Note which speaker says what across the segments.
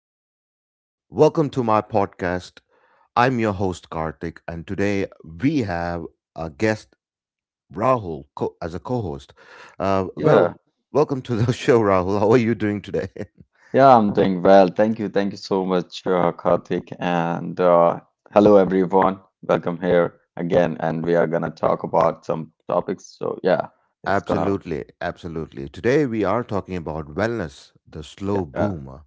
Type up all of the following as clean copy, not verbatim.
Speaker 1: wherever you're from. Welcome to my podcast. I'm your host, Karthik, and today we have a guest, Rahul, as a co host. Uh, well,
Speaker 2: Yeah,
Speaker 1: welcome to the show, Rahul. How are you doing today?
Speaker 2: yeah, I'm doing well. Thank you. Thank you so much, Karthik. And Hello, everyone. Welcome here again. And we are gonna talk about some topics. So yeah, it's gonna
Speaker 1: Absolutely, absolutely. Today we are talking about wellness, the slow
Speaker 2: yeah,
Speaker 1: boom,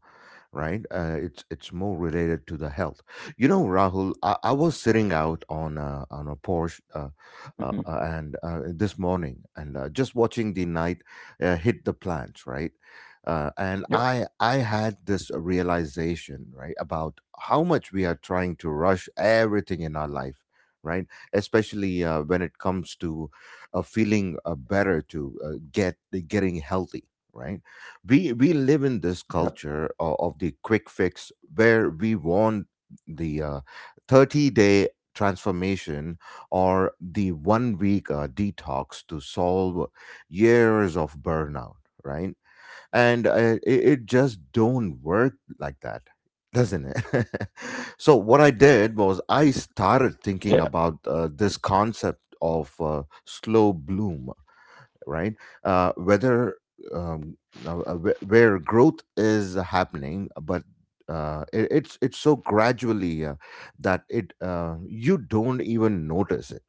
Speaker 1: right? It's more related to the health. You know, Rahul, I was sitting out on on a porch
Speaker 2: mhm,
Speaker 1: and this morning and just watching the night hit the plants, right? And
Speaker 2: yeah,
Speaker 1: I had this realization, right, about how much we are trying to rush everything in our life, right? Especially when it comes to of feeling better to getting healthy, right. We live in this
Speaker 2: yeah,
Speaker 1: culture of the quick fix where we want the 30-day transformation or the one week detox to solve years of burnout, right. And it just don't work like that, doesn't it? so what I did was I started
Speaker 2: yeah,
Speaker 1: thinking about this concept of slow bloom, right? Uh, whether um, where growth is happening, but it's so gradually that it you don't even notice it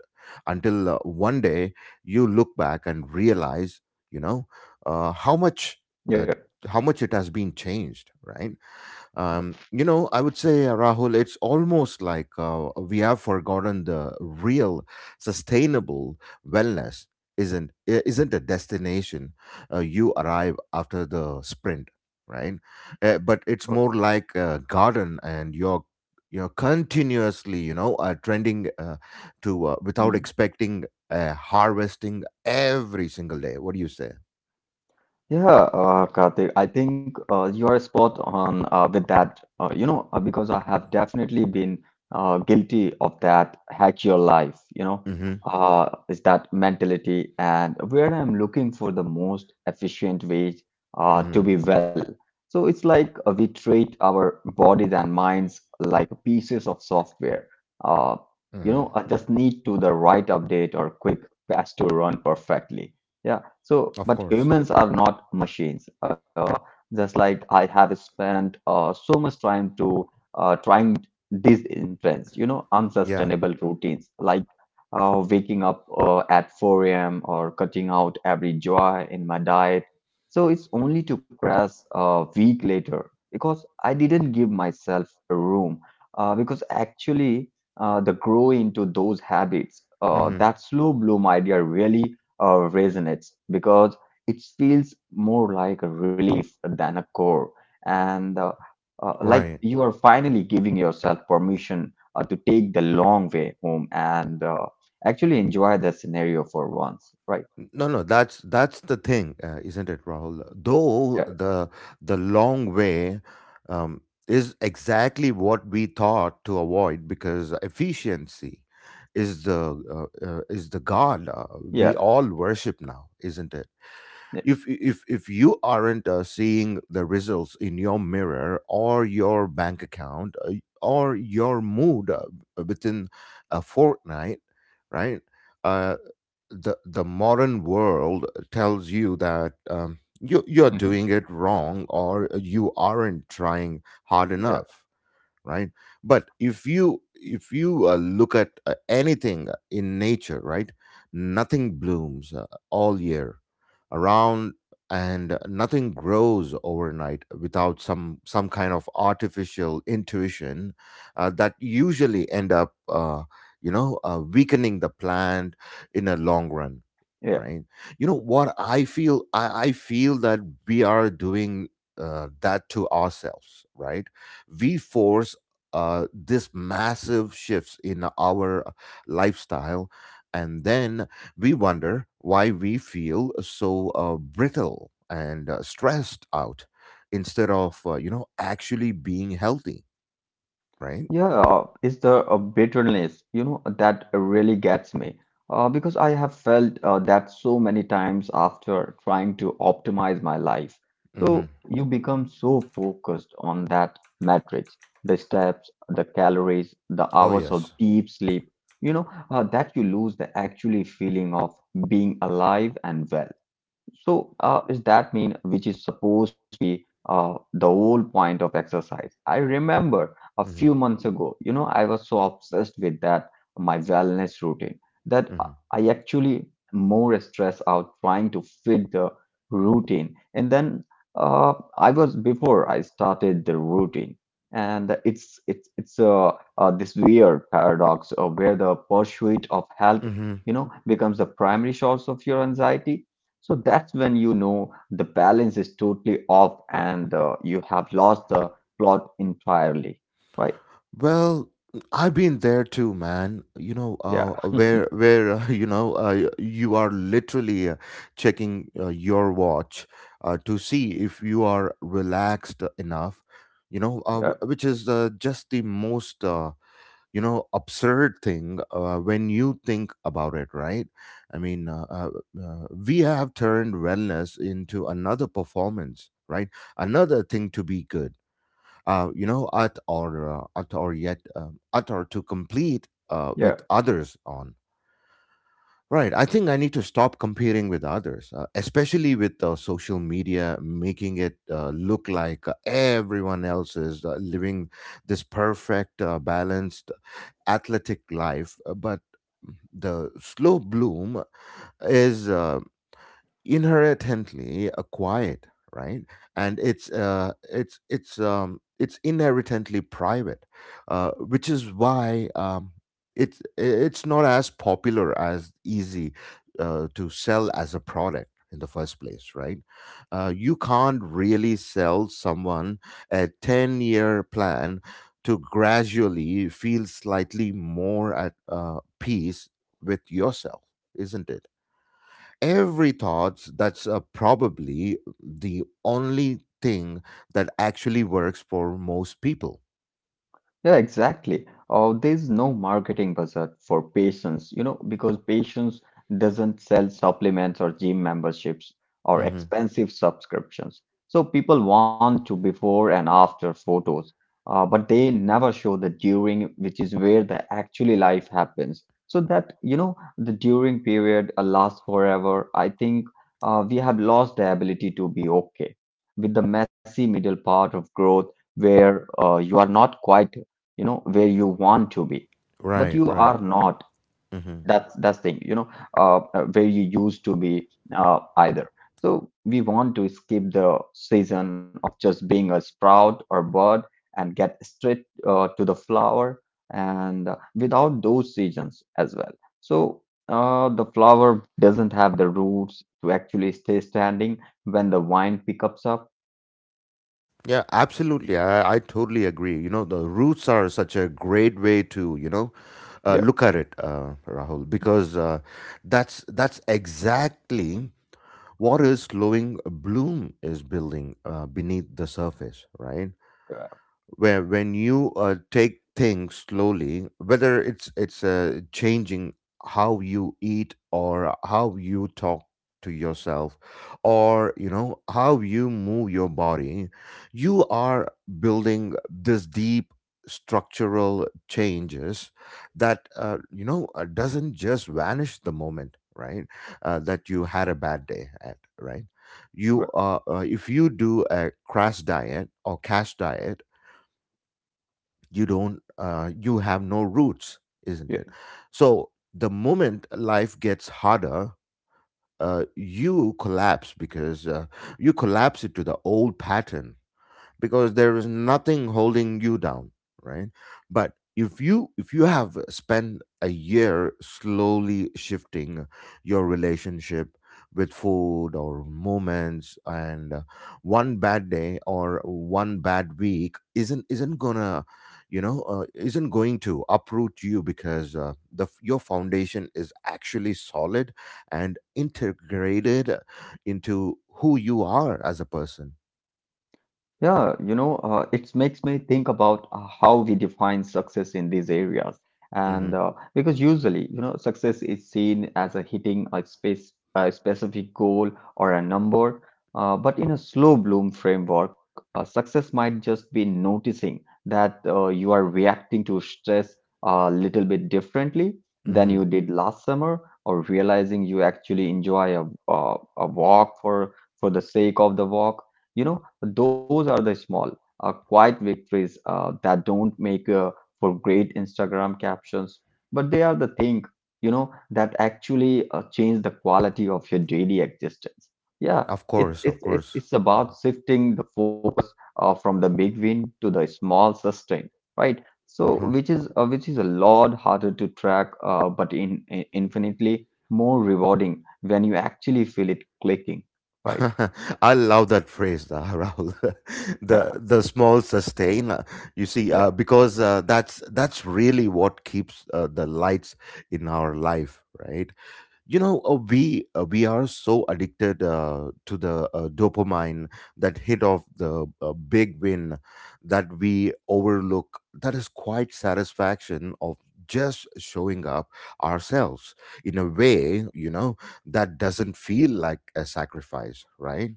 Speaker 1: until one day you look back and realize, you know, uh, how much
Speaker 2: yeah.
Speaker 1: uh, how much it has been changed, right? You know, I would say, Rahul, it's almost like we have forgotten the real sustainable wellness isn't a destination you arrive after the sprint, right? But it's more like a garden, and you're continuously, you know, trending to without
Speaker 2: mm-hmm.
Speaker 1: expecting harvesting every single day. What do you say?
Speaker 2: Yeah, Karthik, I think you are spot on with that. You know, because I have definitely been guilty of that hack your life, you know,
Speaker 1: Mm-hmm.
Speaker 2: is that mentality and where I'm looking for the most efficient ways to
Speaker 1: Mm-hmm.
Speaker 2: be well. So it's like we treat our bodies and minds like pieces of software. Uh, you
Speaker 1: hmm
Speaker 2: know, I just need to the right update or quick patch to run perfectly. Yeah. So,
Speaker 1: Of
Speaker 2: but
Speaker 1: course.
Speaker 2: humans are not machines. Just like I have spent so much time to trying these intense, you know,
Speaker 1: Yeah.
Speaker 2: unsustainable routines like waking up at 4 a.m. or cutting out every joy in my diet. So it's only to crash a week later because I didn't give myself a room. Because actually, the grow into those habits,
Speaker 1: Mm-hmm.
Speaker 2: that slow bloom idea really or resonates because it feels more like a relief than a core and like
Speaker 1: Right.
Speaker 2: you are finally giving yourself permission to take the long way home and actually enjoy the scenario for once, right?
Speaker 1: No, no, that's the thing, isn't it, Rahul?
Speaker 2: yeah
Speaker 1: Though the long way um, is exactly what we thought to avoid because efficiency is the god,
Speaker 2: yeah
Speaker 1: we all worship now, isn't it?
Speaker 2: yeah
Speaker 1: If you aren't seeing the results in your mirror or your bank account or your mood, within a fortnight, right? Uh, the the modern world tells you that you you're
Speaker 2: Mhm.
Speaker 1: doing it wrong or you aren't trying hard
Speaker 2: yeah,
Speaker 1: enough, right. But if you look at anything in nature, right. Nothing blooms all year around, and nothing grows overnight without some kind of artificial intuition that usually end up weakening the plant in a long run,
Speaker 2: yeah.
Speaker 1: right. you know what I feel I feel that we are doing that to ourselves, right. We force this massive shifts in our lifestyle, and then we wonder why we feel so brittle and stressed out instead of actually being healthy, right?
Speaker 2: Yeah, is there a bitterness, you know, that really gets me. Because I have felt that so many times after trying to optimize my life. So
Speaker 1: Hmm.
Speaker 2: you become so focused on that matrix, the steps, the calories, the
Speaker 1: Oh
Speaker 2: hours of
Speaker 1: yes.
Speaker 2: deep sleep, you know, that you lose the actually feeling of being alive and well. So, is that mean which is supposed to be the whole point of exercise? I remember a
Speaker 1: Hmm.
Speaker 2: few months ago, you know, I was so obsessed with that my wellness routine that I actually more stressed out trying to fit the routine. And then I was before I started the routine, and it's this weird paradox of where the pursuit of health,
Speaker 1: Hmm.
Speaker 2: you know, becomes the primary source of your anxiety, so that's when you know the balance is totally off and you have lost the plot entirely, right?
Speaker 1: Well, I've been there too, man. You know,
Speaker 2: Yeah.
Speaker 1: where you are literally checking your watch to see if you are relaxed enough. You know,
Speaker 2: yeah,
Speaker 1: which is just the most, absurd thing when you think about it, right? I mean, uh, uh, we have turned wellness into another performance, right? Another thing to be good you know, at or yet at or to complete with
Speaker 2: yeah.
Speaker 1: others on. Right. I think I need to stop comparing with others, especially with social media making it look like everyone else is living this perfect, balanced, athletic life. But the slow bloom is inherently acquired, right. And it's inherently private, which is why it's not as popular as easy to sell as a product in the first place, right. You can't really sell someone a 10-year plan to gradually feel slightly more at peace with yourself, isn't it? Every thought that's probably the only thing that actually works for most people.
Speaker 2: Yeah, exactly. There's no marketing budget for patients, you know, because patients doesn't sell supplements or gym memberships or
Speaker 1: Mm-hmm.
Speaker 2: expensive subscriptions. So people want to before and after photos, but they never show the during, which is where the actually life happens. So that, you know, the during period lasts forever. I think we have lost the ability to be okay with the messy middle part of growth where you are not quite you know where you want to be, but
Speaker 1: Right,
Speaker 2: you
Speaker 1: right.
Speaker 2: are not
Speaker 1: Mm-hmm.
Speaker 2: that's that's thing you know where you used to be either so we want to skip the season of just being a sprout or bird and get straight to the flower and without those seasons as well. So the flower doesn't have the roots to actually stay standing when the wind picks up.
Speaker 1: Yeah, absolutely. I totally agree. You know, the roots are such a great way to, you know,
Speaker 2: yeah
Speaker 1: look at it, rahul, because that's exactly what is slowing bloom is building beneath the surface, right.
Speaker 2: uh,
Speaker 1: Where when you take things slowly, whether it's changing how you eat or how you talk to yourself, or you know, how you move your body, you are building this deep structural changes that, doesn't just vanish the moment, right. That you had a bad day at, right. You are if you do a crash diet or cash diet, you don't, you have no roots, isn't
Speaker 2: yeah
Speaker 1: it? So the moment life gets harder, uh, you collapse because uh, you collapse into the old pattern because there is nothing holding you down, right. But if you have spent a year slowly shifting your relationship with food or moments, and, one bad day or one bad week isn't gonna, isn't going to uproot you, because the your foundation is actually solid and integrated into who you are as a person.
Speaker 2: Yeah, you know, it makes me think about how we define success in these areas.
Speaker 1: Hmm.
Speaker 2: And Because usually, you know, success is seen as a hitting a space, a specific goal or a number. But in a slow bloom framework, success might just be noticing that you are reacting to stress a little bit differently than
Speaker 1: Hmm.
Speaker 2: you did last summer, or realizing you actually enjoy a walk for the sake of the walk. You know, those are the small, quiet victories that don't make for great Instagram captions, but they are the thing, you know, that actually change the quality of your daily existence. Yeah,
Speaker 1: Of
Speaker 2: it's
Speaker 1: course, of
Speaker 2: it's it's
Speaker 1: course.
Speaker 2: it's about shifting the focus from the big win to the small sustain, right? So,
Speaker 1: Uh-huh.
Speaker 2: which is a lot harder to track, but in infinitely more rewarding when you actually feel it clicking, right?
Speaker 1: I love that phrase, Rahul.
Speaker 2: Yeah,
Speaker 1: The small sustain. You see,
Speaker 2: yeah,
Speaker 1: because that's really what keeps the lights in our life, right? We are so addicted to the dopamine that hit of the big win, that we overlook that is quite satisfaction of just showing up ourselves in a way, you know, that doesn't feel like a sacrifice, right.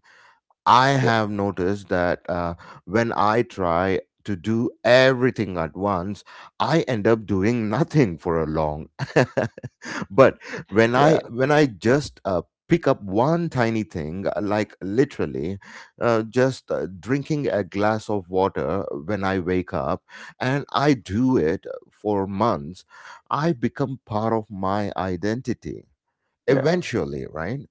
Speaker 1: I have noticed that when I try to do everything at once, I end up doing nothing for a long. But
Speaker 2: yeah,
Speaker 1: when I just, pick up one tiny thing, like literally, just drinking a glass of water when I wake up, and I do it for months, I become part of my identity
Speaker 2: yeah.
Speaker 1: eventually, right.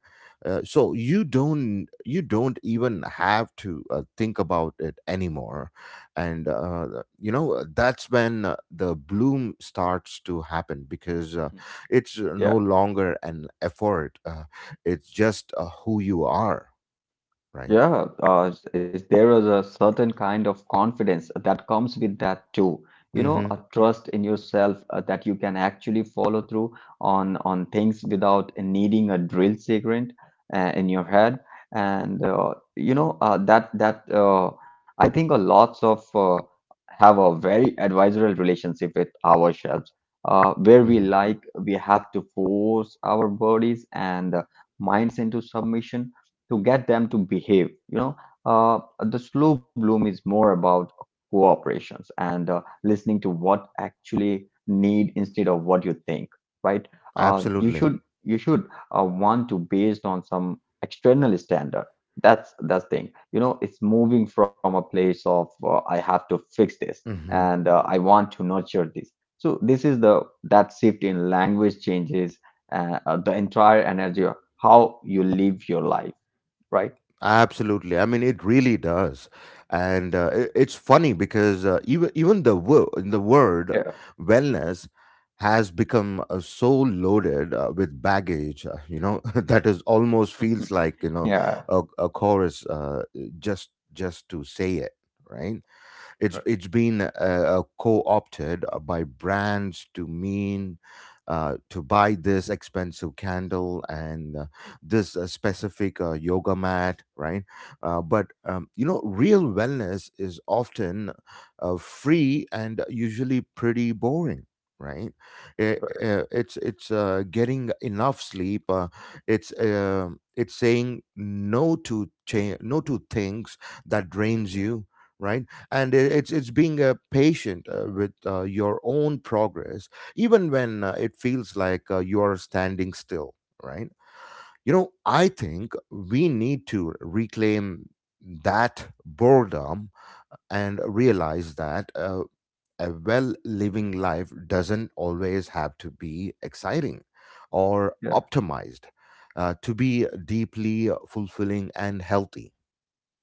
Speaker 1: You don't even have to think about it anymore, and, that's when the bloom starts to happen, because it's no
Speaker 2: Yeah,
Speaker 1: longer an effort, it's just who you are, right.
Speaker 2: yeah. Is there is a certain kind of confidence that comes with that too. You know,
Speaker 1: Mm-hmm.
Speaker 2: a trust in yourself that you can actually follow through on things without needing a drill segment in your head. And you know that that I think a lots of have a very advisory relationship with ourselves, where we
Speaker 1: Mm-hmm.
Speaker 2: like we have to force our bodies and minds into submission to get them to behave. You know, the slow bloom is more about cooperations and listening to what actually need instead of what you think, right? Uh, you
Speaker 1: Absolutely.
Speaker 2: should you should uh, want to based on some external standard. That's thing. You know, it's moving from a place of I have to fix this
Speaker 1: Mm-hmm.
Speaker 2: and I want to nurture this. So this is the that shift in language changes the entire energy of how you live your life, right?
Speaker 1: Absolutely. I mean, it really does. And it's funny because even the the word
Speaker 2: Yeah.
Speaker 1: wellness has become so loaded with baggage, you know, that is almost feels like, you know,
Speaker 2: yeah,
Speaker 1: a chorus, just to say it, right?
Speaker 2: right,
Speaker 1: It's been co-opted by brands to mean to buy this expensive candle and this specific yoga mat, right? But you know, real wellness is often free and usually pretty boring. Right. It-
Speaker 2: right,
Speaker 1: uh, it's it's uh, getting enough sleep. It's saying no to change, no to things that drains you. Right, and it's being patient with your own progress even when it feels like you are standing still, right. You know, I think we need to reclaim that boredom and realize that, a well living life doesn't always have to be exciting or
Speaker 2: yeah.
Speaker 1: optimized to be deeply fulfilling and healthy.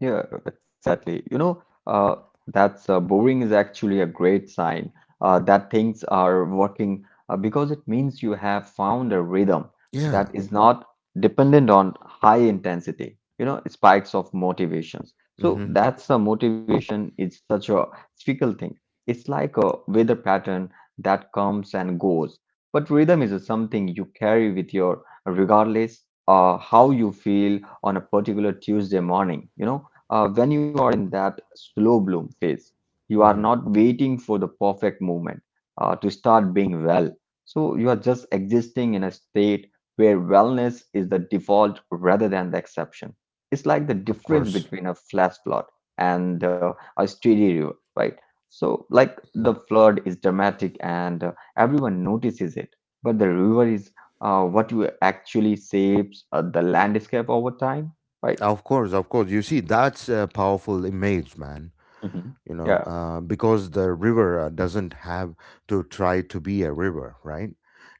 Speaker 2: Yeah, exactly. You know, that's boring is actually a great sign that things are working because it means you have found a rhythm
Speaker 1: Yeah.
Speaker 2: that is not dependent on high intensity, you know, spikes of motivations. So
Speaker 1: Hmm.
Speaker 2: that's a motivation is such a fickle thing. It's like a weather pattern that comes and goes. But rhythm is something you carry with your regardless how you feel on a particular Tuesday morning, you know, when you are in that slow bloom phase, you are
Speaker 1: Hmm.
Speaker 2: not waiting for the perfect moment to start being well. So you are just existing in a state where wellness is the default rather than the exception. It's like the
Speaker 1: Of
Speaker 2: difference
Speaker 1: course.
Speaker 2: between a flash flood and a steady river, right? So, like the
Speaker 1: Yeah.
Speaker 2: flood is dramatic and everyone notices it, but the river is what you actually shapes the landscape over time, right?
Speaker 1: Of course, of course. You see, that's a powerful image, man.
Speaker 2: Mhm.
Speaker 1: You know,
Speaker 2: Yeah,
Speaker 1: because the river doesn't have to try to be a river, right?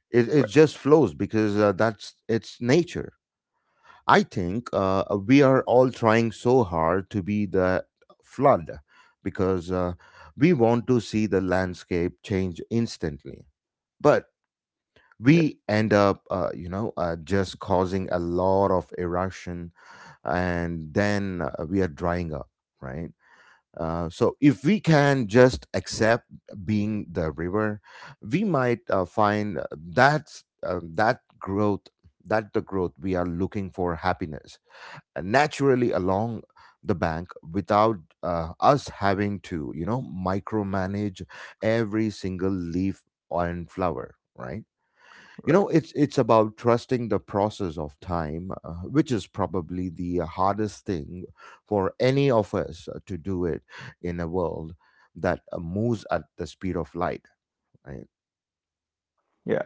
Speaker 1: It
Speaker 2: right.
Speaker 1: just flows because that's its nature. I think we are all trying so hard to be the flood because we want to see the landscape change instantly. But
Speaker 2: yeah.
Speaker 1: we end up, just causing a lot of erosion, and then we are drying up, right. So if we can just accept being the river, we might find that the growth we are looking for happiness, and naturally along the bank without us having to, you know, micromanage every single leaf and flower, right. You know, it's about trusting the process of time, which is probably the hardest thing for any of us to do it in a world that moves at the speed of light. Right.
Speaker 2: Yeah.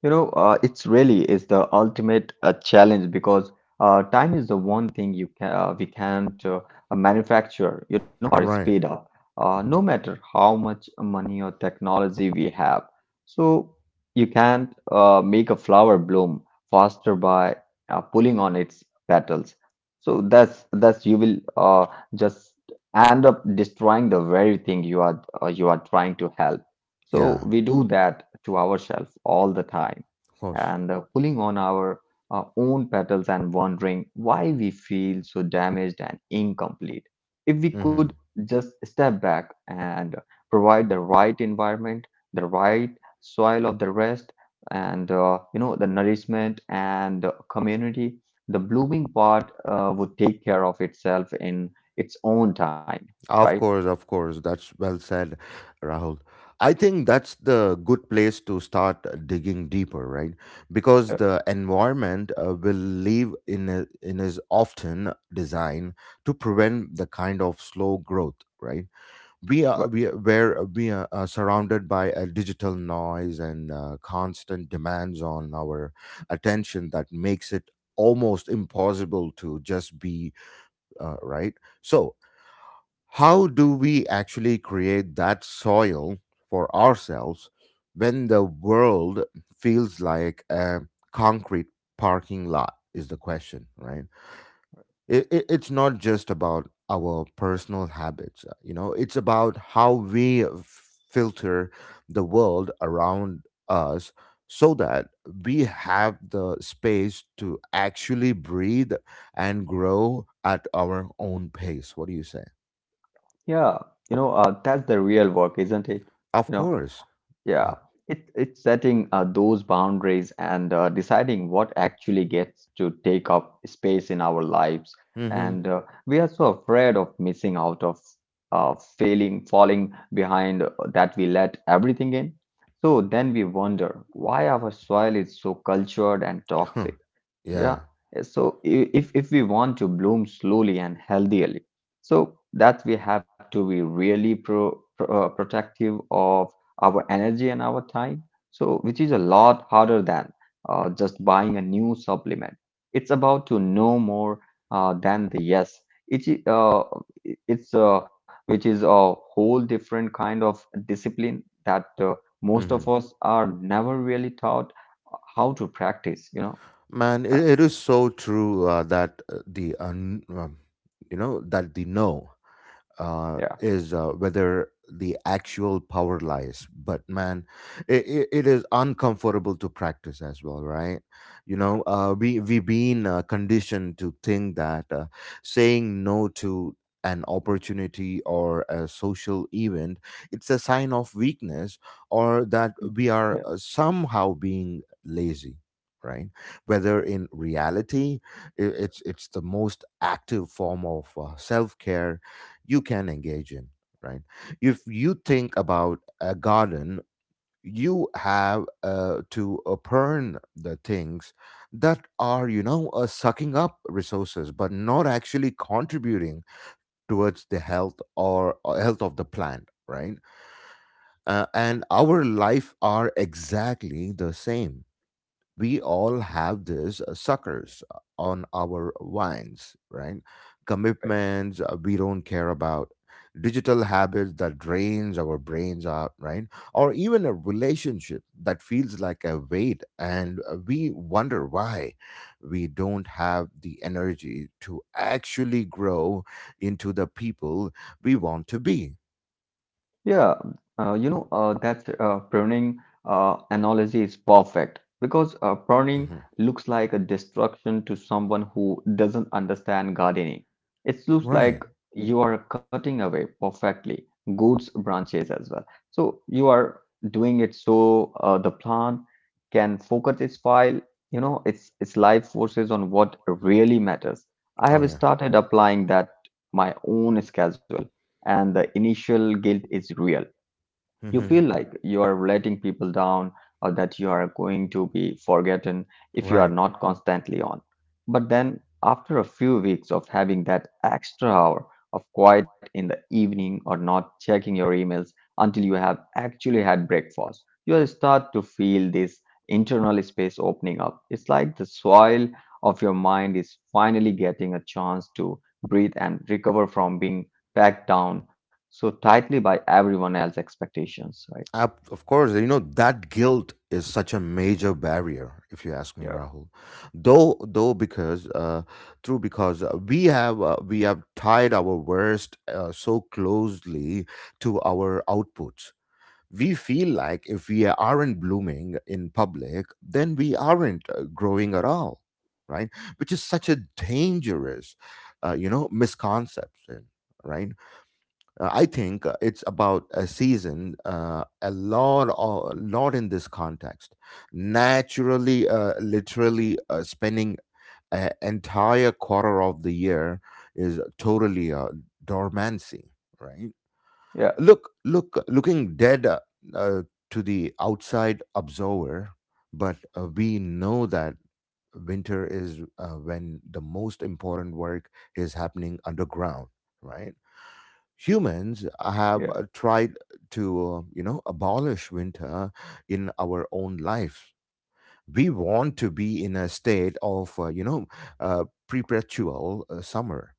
Speaker 2: You know, it's really is the ultimate challenge because time is the one thing you can we can't manufacture, you know, or
Speaker 1: Right.
Speaker 2: speed up,
Speaker 1: Mhm.
Speaker 2: no matter how much money or technology we have. So you can't make a flower bloom faster by pulling on its petals. So that's you will just end up destroying the very thing you are trying to help. So
Speaker 1: Yeah.
Speaker 2: we do that to ourselves all the time
Speaker 1: Of course.
Speaker 2: and pulling on our own petals and wondering why we feel so damaged and incomplete. If we could
Speaker 1: Hmm.
Speaker 2: just step back and provide the right environment, the right soil of the rest, and you know the nourishment and the community, the blooming part would take care of itself in its own time, right?
Speaker 1: Of course, of course. That's well said, Rahul. I think that's the good place to start digging deeper, right?
Speaker 2: Uh,
Speaker 1: Because the environment will live in a, in is often designed to prevent the kind of slow growth, right? We
Speaker 2: wh-
Speaker 1: are we are, where we are surrounded by a digital noise and constant demands on our attention that makes it almost impossible to just be right. So how do we actually create that soil for ourselves when the world feels like a concrete parking lot? Is the question, right? It's not just about our personal habits, it's about how we filter the world around us so that we have the space to actually breathe and grow at our own pace. What do you say?
Speaker 2: yeah, you know that's the real work, isn't it?
Speaker 1: Of
Speaker 2: You know.
Speaker 1: course. Uh,
Speaker 2: Yeah, it, it's setting those boundaries and deciding what actually gets to take up space in our lives.
Speaker 1: mhm.
Speaker 2: And we are so afraid of missing out, of failing, falling behind, that we let everything in. So then we wonder why our soil is so cultured and
Speaker 1: Huh.
Speaker 2: toxic.
Speaker 1: Yeah.
Speaker 2: Yeah. So if we want to bloom slowly and healthily, so that we have to be really protective of our energy and our time. So which is a lot harder than just buying a new supplement. It's about to know more than the yes. It's uh, it's which is a whole different kind of discipline that most of
Speaker 1: Mhm.
Speaker 2: us are never really taught how to practice. You know.
Speaker 1: Man,
Speaker 2: Yeah.
Speaker 1: it is so true that you know that the no
Speaker 2: Yeah.
Speaker 1: is whether the actual power lies. But man, it is uncomfortable to practice as well, right? You know, we've been conditioned to think that saying no to an opportunity or a social event it's a sign of weakness or that
Speaker 2: Mhm.
Speaker 1: we are
Speaker 2: Yeah,
Speaker 1: somehow being lazy, right? Whether in reality it's the most active form of self-care you can engage in, right? If you think about a garden, you have to burn the things that are, you know, sucking up resources, but not actually contributing towards the health or health of the plant, right? And our life are exactly the same. We all have these suckers on our wines, right? Commitments we don't care about, digital habits that drains our brains out, right? Or even a relationship that feels like a weight, and we wonder why we don't have the energy to actually grow into the people we want to be.
Speaker 2: yeah, you know, that's burning analogy is perfect because burning
Speaker 1: Mhm.
Speaker 2: looks like a destruction to someone who doesn't understand gardening. It looks
Speaker 1: Right.
Speaker 2: like you are cutting away perfectly good branches as well. So you are doing it so the plant can focus its file, you know, its life forces on what really matters. I
Speaker 1: Oh
Speaker 2: have
Speaker 1: yeah.
Speaker 2: started applying that my own schedule. And the initial guilt is real. You feel
Speaker 1: Hmm.
Speaker 2: like you are letting people down or that you are going to be forgotten if you are
Speaker 1: Right.
Speaker 2: not constantly on. But then, after a few weeks of having that extra hour of quiet in the evening or not checking your emails until you have actually had breakfast, you will start to feel this internal space opening up. It's like the soil of your mind is finally getting a chance to breathe and recover from being packed down so tightly by everyone else's expectations, right?
Speaker 1: Of course, you know, that guilt is such a major barrier, if you ask me,
Speaker 2: Yeah.
Speaker 1: Rahul. Because, true, because we have tied our worst so closely to our outputs. We feel like if we aren't blooming in public, then we aren't growing at all, right? Which is such a dangerous, misconception, right? I think it's about a season, a lot in this context. Naturally, literally, spending an entire quarter of the year is totally dormancy, right?
Speaker 2: Yeah,
Speaker 1: Looking dead uh, to the outside observer, but we know that winter is when the most important work is happening underground, right? Humans have
Speaker 2: yeah,
Speaker 1: tried to you know abolish winter in our own lives. We want to be in a state of you know perpetual summer,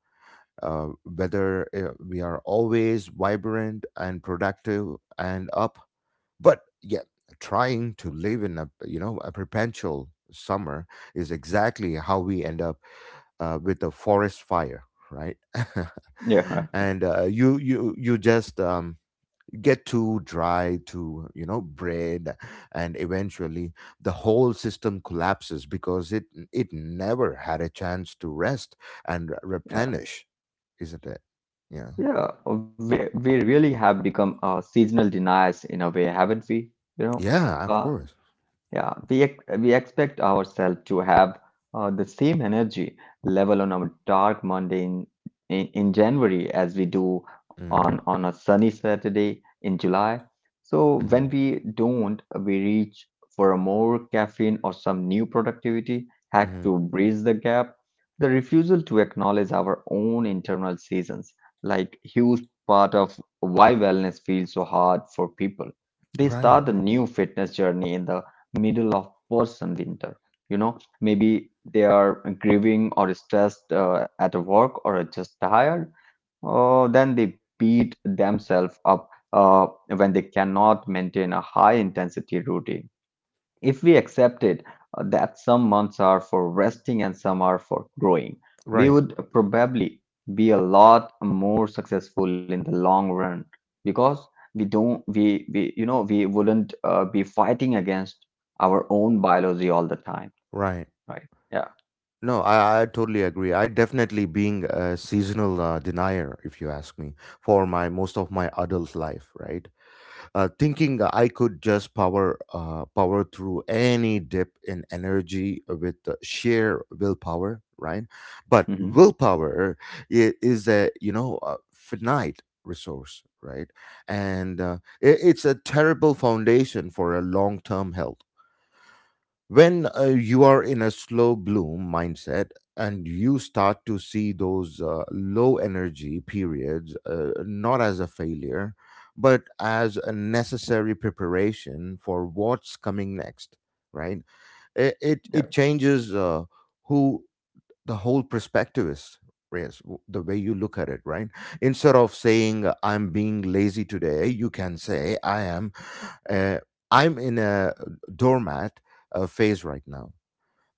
Speaker 1: whether we are always vibrant and productive and up. But yeah, trying to live in a you know a perpetual summer is exactly how we end up with a forest fire, right?
Speaker 2: yeah.
Speaker 1: And you just get too dry, too you know bread, and eventually the whole system collapses because it never had a chance to rest and
Speaker 2: yeah,
Speaker 1: replenish, isn't it? Yeah,
Speaker 2: yeah. We really have become seasonal deniers in a way, haven't we? You know,
Speaker 1: yeah, of
Speaker 2: uh,
Speaker 1: course.
Speaker 2: Yeah, we ex we expect ourselves to have the same energy level on a dark Monday in January as we do on
Speaker 1: Mm-hmm.
Speaker 2: on a sunny Saturday in July. So when we don't, we reach for a more caffeine or some new productivity hack
Speaker 1: Hmm.
Speaker 2: to bridge the gap. The refusal to acknowledge our own internal seasons, like huge part of why wellness feels so hard for people. They
Speaker 1: Right,
Speaker 2: start a new fitness journey in the middle of person winter, you know, maybe they are grieving or stressed at work or just tired, then they beat themselves up when they cannot maintain a high intensity routine. If we accepted that some months are for resting and some are for growing, we
Speaker 1: right.
Speaker 2: would probably be a lot more successful in the long run, because we you know we wouldn't be fighting against our own biology all the time,
Speaker 1: Right.
Speaker 2: right? Yeah.
Speaker 1: No, I totally agree. I definitely being a seasonal denier, if you ask me, for my most of my adult life, right? Thinking I could just power through any dip in energy with sheer willpower, right? But
Speaker 2: Hmm.
Speaker 1: willpower is a you know a finite resource, right? And it's a terrible foundation for a long term health when you are in a slow bloom mindset and you start to see those low energy periods not as a failure but as a necessary preparation for what's coming next, right?
Speaker 2: Yeah.
Speaker 1: It changes who the whole perspective is. Yes, the way you look at it, right? Instead of saying I'm being lazy today, you can say I am uh, I'm in a doormat phase right now,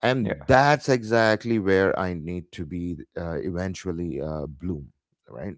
Speaker 1: and
Speaker 2: Yeah.
Speaker 1: that's exactly where I need to be eventually bloom, right?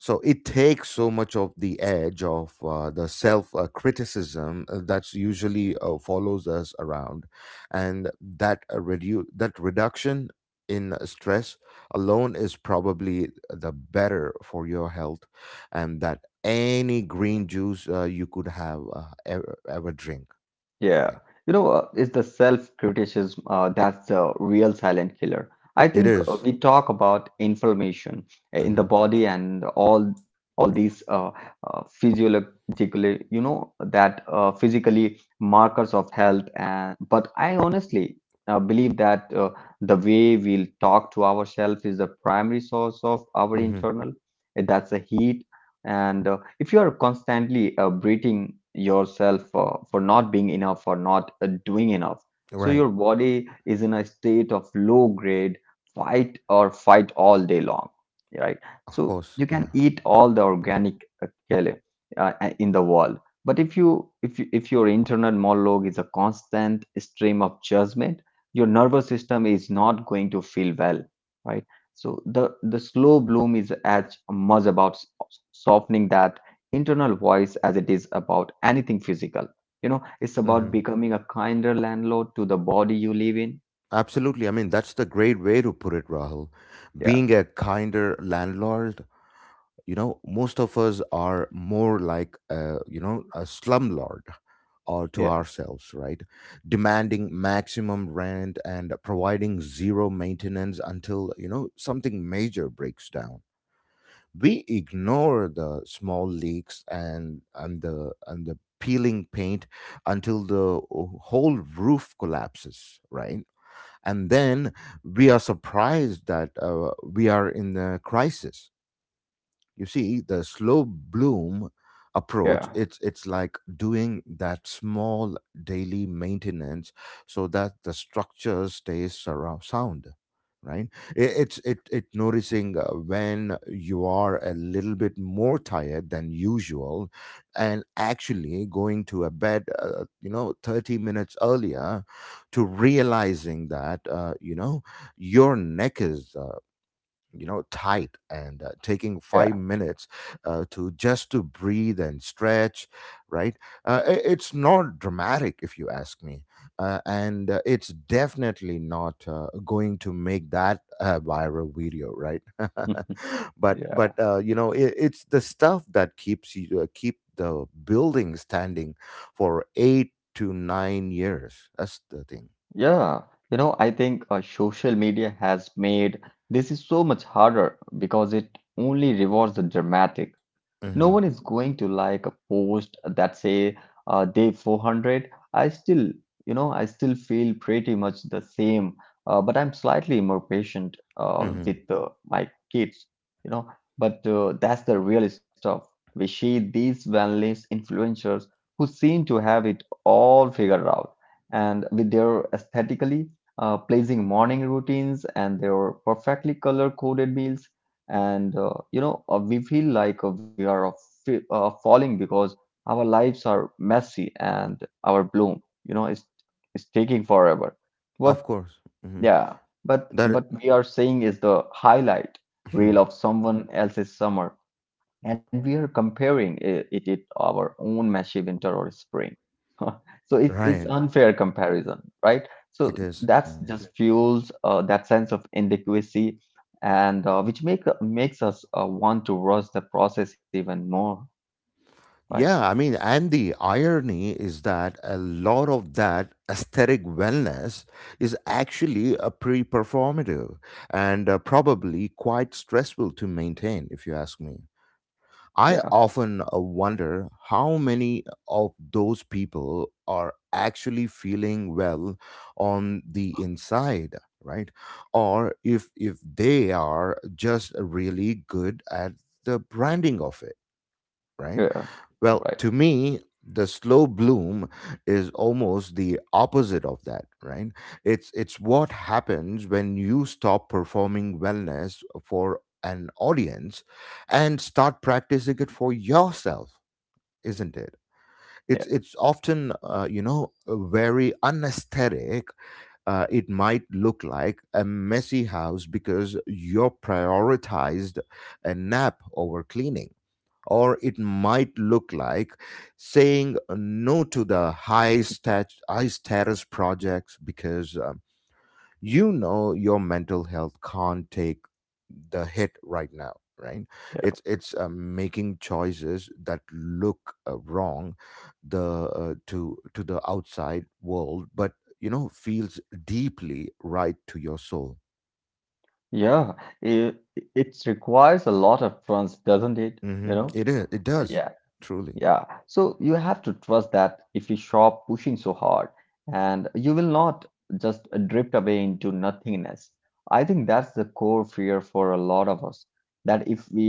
Speaker 1: So it takes so much of the edge of the self criticism that's usually follows us around. And that that reduction in stress alone is probably the better for your health, and that any green juice you could have ever drink,
Speaker 2: Yeah,
Speaker 1: right?
Speaker 2: you know, it's the self-criticism that's the real silent killer. I
Speaker 1: It
Speaker 2: think
Speaker 1: is.
Speaker 2: we talk about inflammation, in the
Speaker 1: Mm-hmm.
Speaker 2: body and all these physiologically, you know, that physically markers of health. And but I honestly believe that the way we'll talk to ourselves is the primary source of our
Speaker 1: Mm-hmm.
Speaker 2: internal. That's the heat. And if you are constantly breathing yourself for not being enough or not doing enough, so
Speaker 1: Right,
Speaker 2: your body is in a state of low grade fight or fight all day long, right?
Speaker 1: of
Speaker 2: So
Speaker 1: course,
Speaker 2: you
Speaker 1: yeah.
Speaker 2: can eat all the organic kale in the world, but if you if your internal monologue is a constant stream of judgment, your nervous system is not going to feel well, right? So the slow bloom is as much about softening that internal voice as it is about anything physical. You know, it's about
Speaker 1: Mm-hmm.
Speaker 2: becoming a kinder landlord to the body you live in.
Speaker 1: Absolutely. I mean, that's the great way to put it, Rahul.
Speaker 2: Yeah,
Speaker 1: Being a kinder landlord, you know, most of us are more like, a, you know, a slumlord or to
Speaker 2: yeah,
Speaker 1: ourselves, right? Demanding maximum rent and providing zero maintenance until, you know, something major breaks down. We ignore the small leaks and, and the peeling paint until the whole roof collapses, right? And then we are surprised that we are in a crisis. You see, the slow bloom approach,
Speaker 2: yeah,
Speaker 1: it's like doing that small daily maintenance so that the structure stays surround sound, right? It, it's it it noticing when you are a little bit more tired than usual, and actually going to a bed, 30 minutes earlier, to realizing that you know your neck is you know tight, and taking five
Speaker 2: yeah,
Speaker 1: minutes to just to breathe and stretch, right? It's not dramatic if you ask me, and it's definitely not going to make that viral video, right? But
Speaker 2: yeah.
Speaker 1: you know it's the stuff that keeps you keep the building standing for 8 to 9 years, that's the thing.
Speaker 2: Yeah, you know, I think social media has made this is so much harder because it only rewards the dramatic. No one
Speaker 1: Hmm.
Speaker 2: is going to like a post that say, day 400. I still, you know, I still feel pretty much the same, but I'm slightly more patient
Speaker 1: Hmm.
Speaker 2: with my kids, you know. But that's the real stuff. We see these wellness influencers who seem to have it all figured out, and with their aesthetically pleasing morning routines and their perfectly color coded meals, and you know we feel like we are falling because our lives are messy and our bloom you know is taking forever.
Speaker 1: Of
Speaker 2: What?
Speaker 1: course. Hmm.
Speaker 2: Yeah,
Speaker 1: That.
Speaker 2: but we are saying is the highlight
Speaker 1: i-
Speaker 2: reel of someone else's summer, and we are comparing it with our own messy winter or spring. So it's
Speaker 1: right.
Speaker 2: unfair comparison, right? So
Speaker 1: It is.
Speaker 2: that's
Speaker 1: Mm.
Speaker 2: just fuels that sense of inadequacy, and which makes us want to rush the process even more, right?
Speaker 1: Yeah, I mean, and the irony is that a lot of that aesthetic wellness is actually a pre performative and probably quite stressful to maintain, if you ask me.
Speaker 2: Yeah.
Speaker 1: I often wonder how many of those people are actually feeling well on the inside, right? Or if they are just really good at the branding of it, right?
Speaker 2: Yeah, right.
Speaker 1: Well, to me, the slow bloom is almost the opposite of that, right? It's what happens when you stop performing wellness for an audience and start practicing it for yourself, isn't it?
Speaker 2: Yeah.
Speaker 1: It's often very unesthetic. It might look like a messy house because you prioritized a nap over cleaning, or it might look like saying no to the high status projects because you know your mental health can't take the hit right now, right?
Speaker 2: Yeah.
Speaker 1: It's making choices that look wrong the to the outside world, but you know feels deeply right to your soul.
Speaker 2: Yeah. It it, requires a lot of trust, doesn't it, you
Speaker 1: Mm-hmm.
Speaker 2: know?
Speaker 1: It is, it
Speaker 2: Yeah.
Speaker 1: does truly.
Speaker 2: Yeah, so you have to trust that if you stop pushing so hard, and you will not just drift away into nothingness. I think that's the core fear for a lot of us, that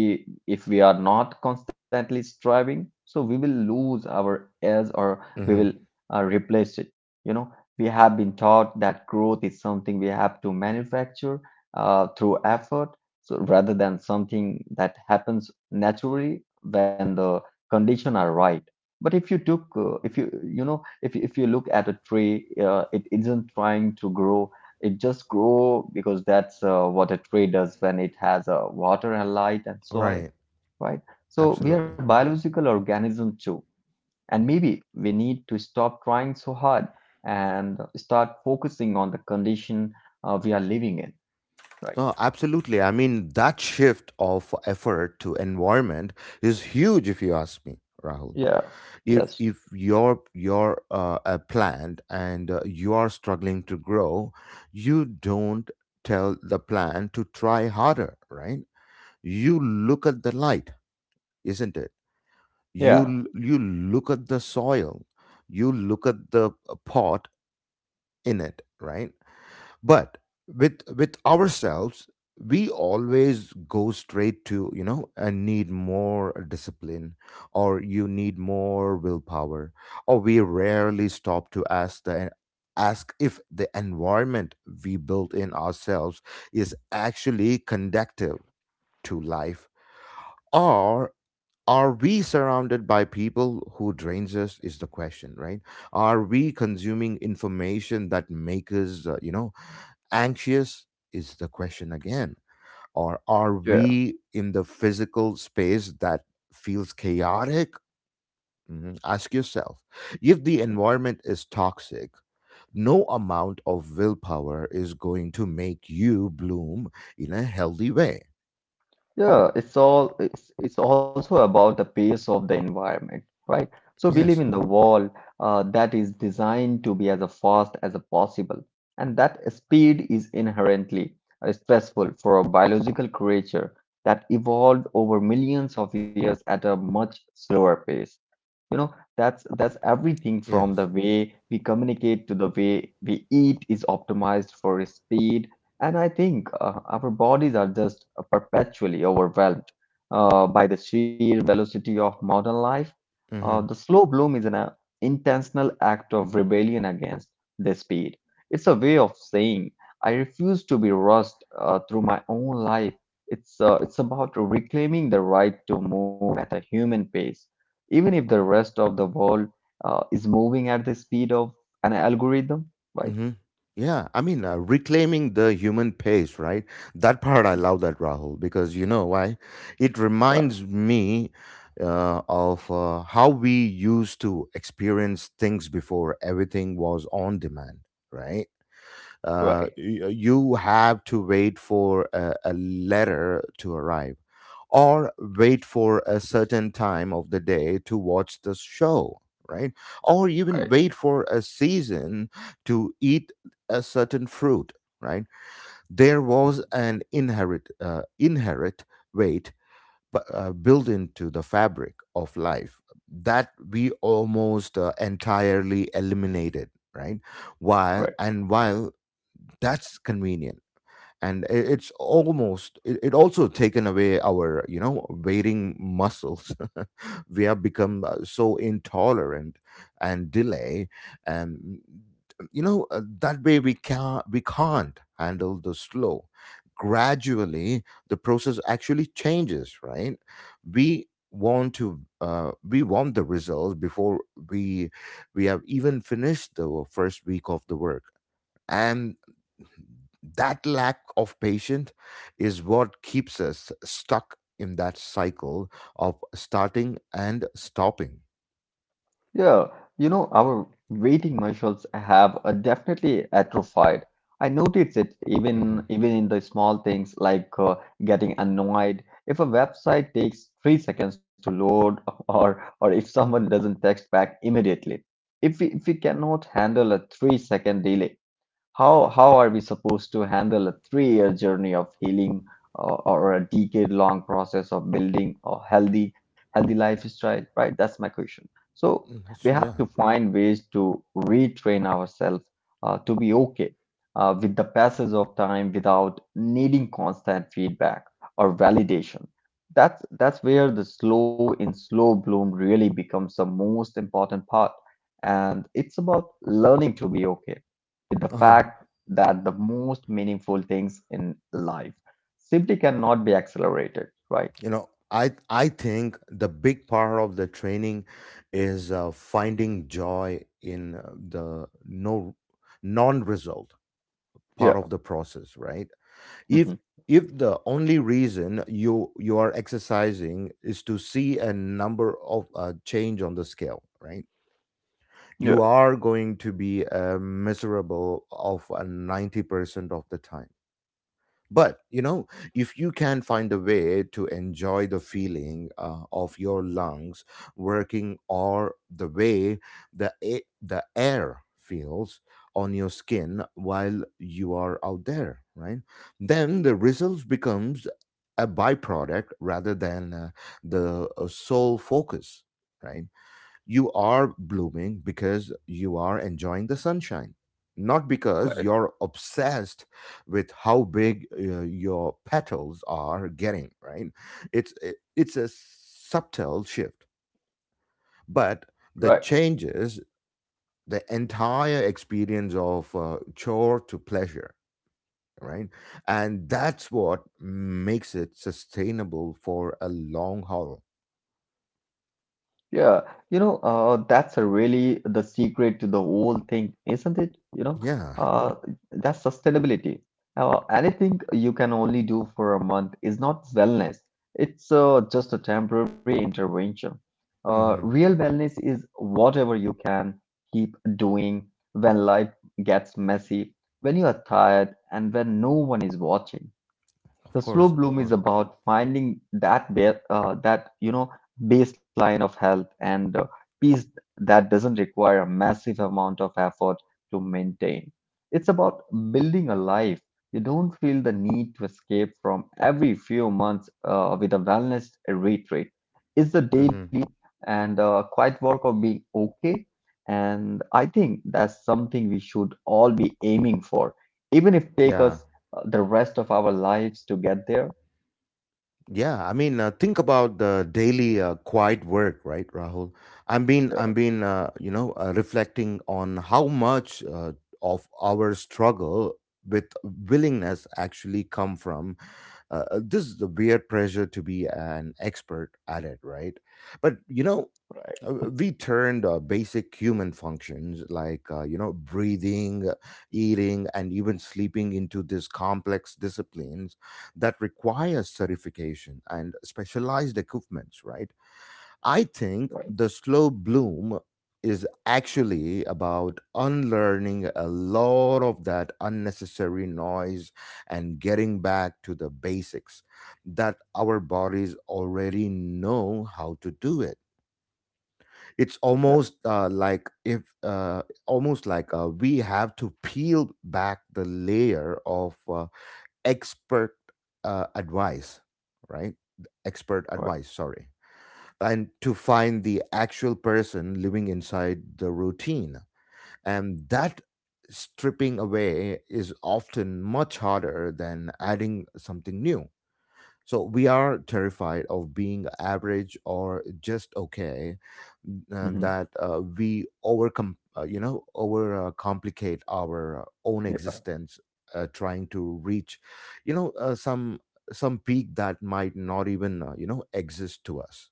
Speaker 2: if we are not constantly striving, so we will lose our edge, or we
Speaker 1: Mm-hmm.
Speaker 2: will replace it. You know, we have been taught that growth is something we have to manufacture through effort, so rather than something that happens naturally when the condition are right. But if you took if you you know if you look at a tree, it isn't trying to grow. It just grow because that's what a tree does when it has water and light and soil,
Speaker 1: Right,
Speaker 2: right? So we are
Speaker 1: absolutely.
Speaker 2: biological organism too, and maybe we need to stop trying so hard and start focusing on the condition we are living in, right?
Speaker 1: Oh, absolutely. I mean, that shift of effort to environment is huge, if you ask me, Rahul.
Speaker 2: Yeah. Yes.
Speaker 1: If you're a plant and you are struggling to grow, you don't tell the plant to try harder, right? You look at the light, isn't it?
Speaker 2: Yeah.
Speaker 1: You look at the soil, you look at the pot in it, right? But with ourselves we always go straight to you know and need more discipline, or you need more willpower, or we rarely stop to ask the ask if the environment we built in ourselves is actually conductive to life. Or are we surrounded by people who drains us, is the question, right? Are we consuming information that make us you know anxious, is the question again? Or are
Speaker 2: Yeah.
Speaker 1: we in the physical space that feels chaotic? Mhm. Ask yourself, if the environment is toxic no amount of willpower is going to make you bloom in a healthy way.
Speaker 2: Yeah, it's all it's also about the pace of the environment, right? So we live
Speaker 1: Yes,
Speaker 2: in the world that is designed to be as fast as possible, and that speed is inherently stressful for a biological creature that evolved over millions of years at a much slower pace, you know. That's everything from the
Speaker 1: yes.
Speaker 2: way we communicate to the way we eat is optimized for speed. And I think our bodies are just perpetually overwhelmed by the sheer velocity of modern life. The
Speaker 1: Mm-hmm.
Speaker 2: slow bloom is an intentional act of rebellion against the speed. It's a way of saying I refuse to be rushed through my own life. It's about reclaiming the right to move at a human pace, even if the rest of the world is moving at the speed of an algorithm, right?
Speaker 1: Mm-hmm. Yeah, I mean, reclaiming the human pace, right? That part, I love that, Rahul, because you know why? It
Speaker 2: Right,
Speaker 1: reminds me of how we used to experience things before everything was on demand, right?
Speaker 2: right,
Speaker 1: You have to wait for a letter to arrive, or wait for a certain time of the day to watch the show, right? Or
Speaker 2: right,
Speaker 1: even wait for a season to eat a certain fruit, right? There was an inherent weight built into the fabric of life that we almost entirely eliminated, right? While
Speaker 2: right.
Speaker 1: and while that's convenient, and it's almost it also taken away our you know waiting muscles. We have become so intolerant and delay and you know that way we can't handle the slow, gradually the process actually changes, right? We want the results before we we have even finished the first week of the work, and that lack of patience is what keeps us stuck in that cycle of starting and stopping.
Speaker 2: Yeah, you know, our waiting muscles have definitely atrophied. I notice it
Speaker 1: Mhm.
Speaker 2: even in the small things, like getting annoyed if a website takes 3 seconds to load, or if someone doesn't text back immediately. If we cannot handle a 3 second delay, how are we supposed to handle a 3-year journey of healing, or a decade-long process of building a healthy, healthy lifestyle, right? That's my question. So
Speaker 1: Mm,
Speaker 2: we
Speaker 1: that's,
Speaker 2: have to
Speaker 1: yeah.
Speaker 2: find ways to retrain ourselves to be okay with the passage of time without needing constant feedback or validation. That's where the slow in slow bloom really becomes the most important part. And it's about learning to be okay with the
Speaker 1: Uh-huh.
Speaker 2: fact that the most meaningful things in life simply cannot be accelerated, right?
Speaker 1: I think the big part of the training is finding joy in the no non result
Speaker 2: Yeah.
Speaker 1: part of the process, right?
Speaker 2: Mhm.
Speaker 1: If if the only reason you are exercising is to see a number of change on the scale, right? You
Speaker 2: Yeah.
Speaker 1: are going to be miserable of 90% of the time. But you know, if you can find a way to enjoy the feeling of your lungs working, or the way the air feels on your skin while you are out there, right? Then the results becomes a byproduct rather than the sole focus, right? You are blooming because you are enjoying the sunshine, not because
Speaker 2: Right,
Speaker 1: you're obsessed with how big your petals are getting, right? It's a subtle shift, but the
Speaker 2: right.
Speaker 1: changes the entire experience of chore to pleasure, right? And that's what makes it sustainable for a long haul.
Speaker 2: Yeah, you know, that's a really the secret to the whole thing, isn't it? You know,
Speaker 1: Yeah.
Speaker 2: uh, that's sustainability. Anything you can only do for a month is not wellness. It's just a temporary intervention.
Speaker 1: hmm
Speaker 2: Real wellness is whatever you can keep doing when life gets messy, when you are tired, and when no one is watching.
Speaker 1: of
Speaker 2: The
Speaker 1: course,
Speaker 2: slow
Speaker 1: of
Speaker 2: bloom
Speaker 1: course.
Speaker 2: is about finding that that you know baseline of health and peace that doesn't require a massive amount of effort to maintain. It's about building a life you don't feel the need to escape from every few months with a wellness retreat. It's the
Speaker 1: hmm
Speaker 2: daily and quiet work of being okay. And I think that's something we should all be aiming for, even if take
Speaker 1: yeah.
Speaker 2: us the rest of our lives to get there.
Speaker 1: Yeah, I mean, think about the daily quiet work, right, Rahul? I'm been,
Speaker 2: Yeah,
Speaker 1: I'm been, uh, you know, uh, reflecting on how much of our struggle with willingness actually come from this is the weird pressure to be an expert at it, right? But you know,
Speaker 2: right,
Speaker 1: we turned basic human functions like you know breathing, eating and even sleeping into these complex disciplines that require certification and specialized equipments, right? I think
Speaker 2: right,
Speaker 1: the slow bloom is actually about unlearning a lot of that unnecessary noise and getting back to the basics that our bodies already know how to do it. It's
Speaker 2: yeah,
Speaker 1: almost like if almost like we have to peel back the layer of expert uh, advice right expert
Speaker 2: right.
Speaker 1: advice sorry, and to find the actual person living inside the routine. And that stripping away is often much harder than adding something new. So we are terrified of being average or just okay, and
Speaker 2: Hmm.
Speaker 1: that we overcome, over complicate our own
Speaker 2: Yeah.
Speaker 1: existence, trying to reach, you know, uh, some some peak that might not even, exist to us.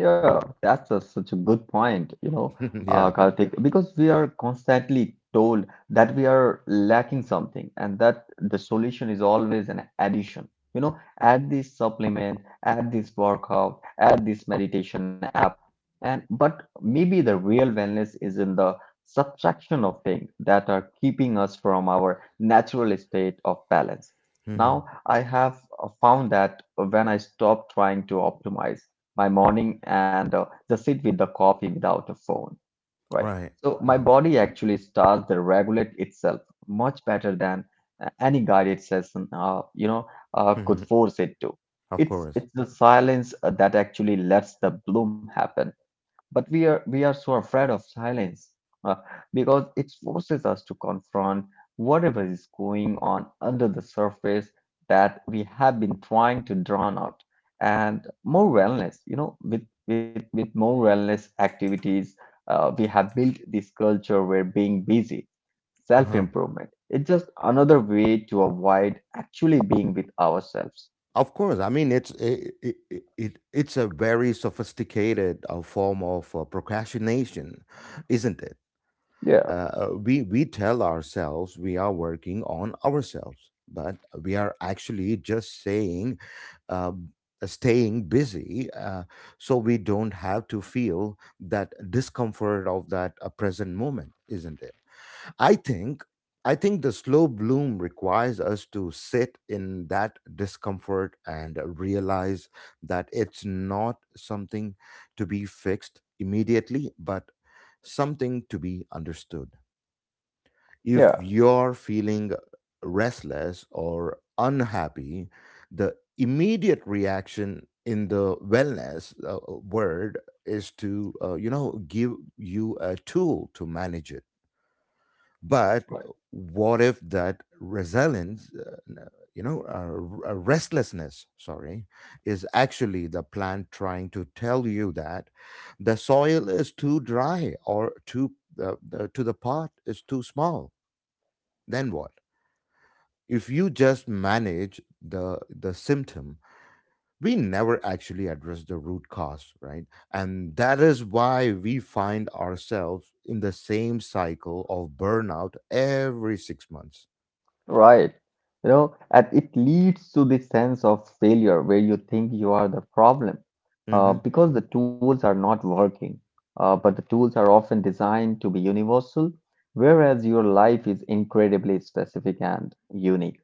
Speaker 2: Yeah,
Speaker 1: Right?
Speaker 2: that's a, such a good point, you know,
Speaker 1: Yeah.
Speaker 2: Karthik, because we are constantly told that we are lacking something and that the solution is always an addition. You know, add this supplement, add this workout, add this meditation app. And but maybe the real wellness is in the subtraction of things that are keeping us from our natural state of balance.
Speaker 1: hmm
Speaker 2: Now, I have found that when I stop trying to optimize, my morning and just sit with the coffee without a phone, right?
Speaker 1: Right.
Speaker 2: So my
Speaker 1: hmm
Speaker 2: body actually starts to regulate itself much better than any guided session, you know, could
Speaker 1: hmm
Speaker 2: force it to.
Speaker 1: Of course.
Speaker 2: It's the silence that actually lets the bloom happen. But we are so afraid of silence uh, because it forces us to confront whatever is going on under the surface that we have been trying to drown out. And more wellness, you know, with more wellness activities, we have built this culture where being busy,
Speaker 1: Uh
Speaker 2: self
Speaker 1: huh.
Speaker 2: improvement, it's just another way to avoid actually being with ourselves.
Speaker 1: Of course, I mean it's it, it, it it- it's a very sophisticated form of procrastination, isn't it?
Speaker 2: Yeah,
Speaker 1: We tell ourselves we are working on ourselves, but we are actually just saying, uh, staying busy, so we don't have to feel that discomfort of that present moment, isn't it? I think I think the slow bloom requires us to sit in that discomfort and realize that it's not something to be fixed immediately, but something to be understood. If
Speaker 2: yeah,
Speaker 1: you're feeling restless or unhappy, the immediate reaction in the wellness word is to, you know, give you a tool to manage it, but
Speaker 2: right.
Speaker 1: what if that resilience n- you know r- restlessness sorry, is actually the plant trying to tell you that the soil is too dry or too to the pot is too small? Then what if you just manage the symptom, we never actually address the root cause, right? And that is why we find ourselves in the same cycle of burnout every 6 months.
Speaker 2: Right. You know, and it leads to this sense of failure where you think you are the problem
Speaker 1: Mm-hmm.
Speaker 2: because the tools are not working. But the tools are often designed to be universal, whereas your life is incredibly specific and unique.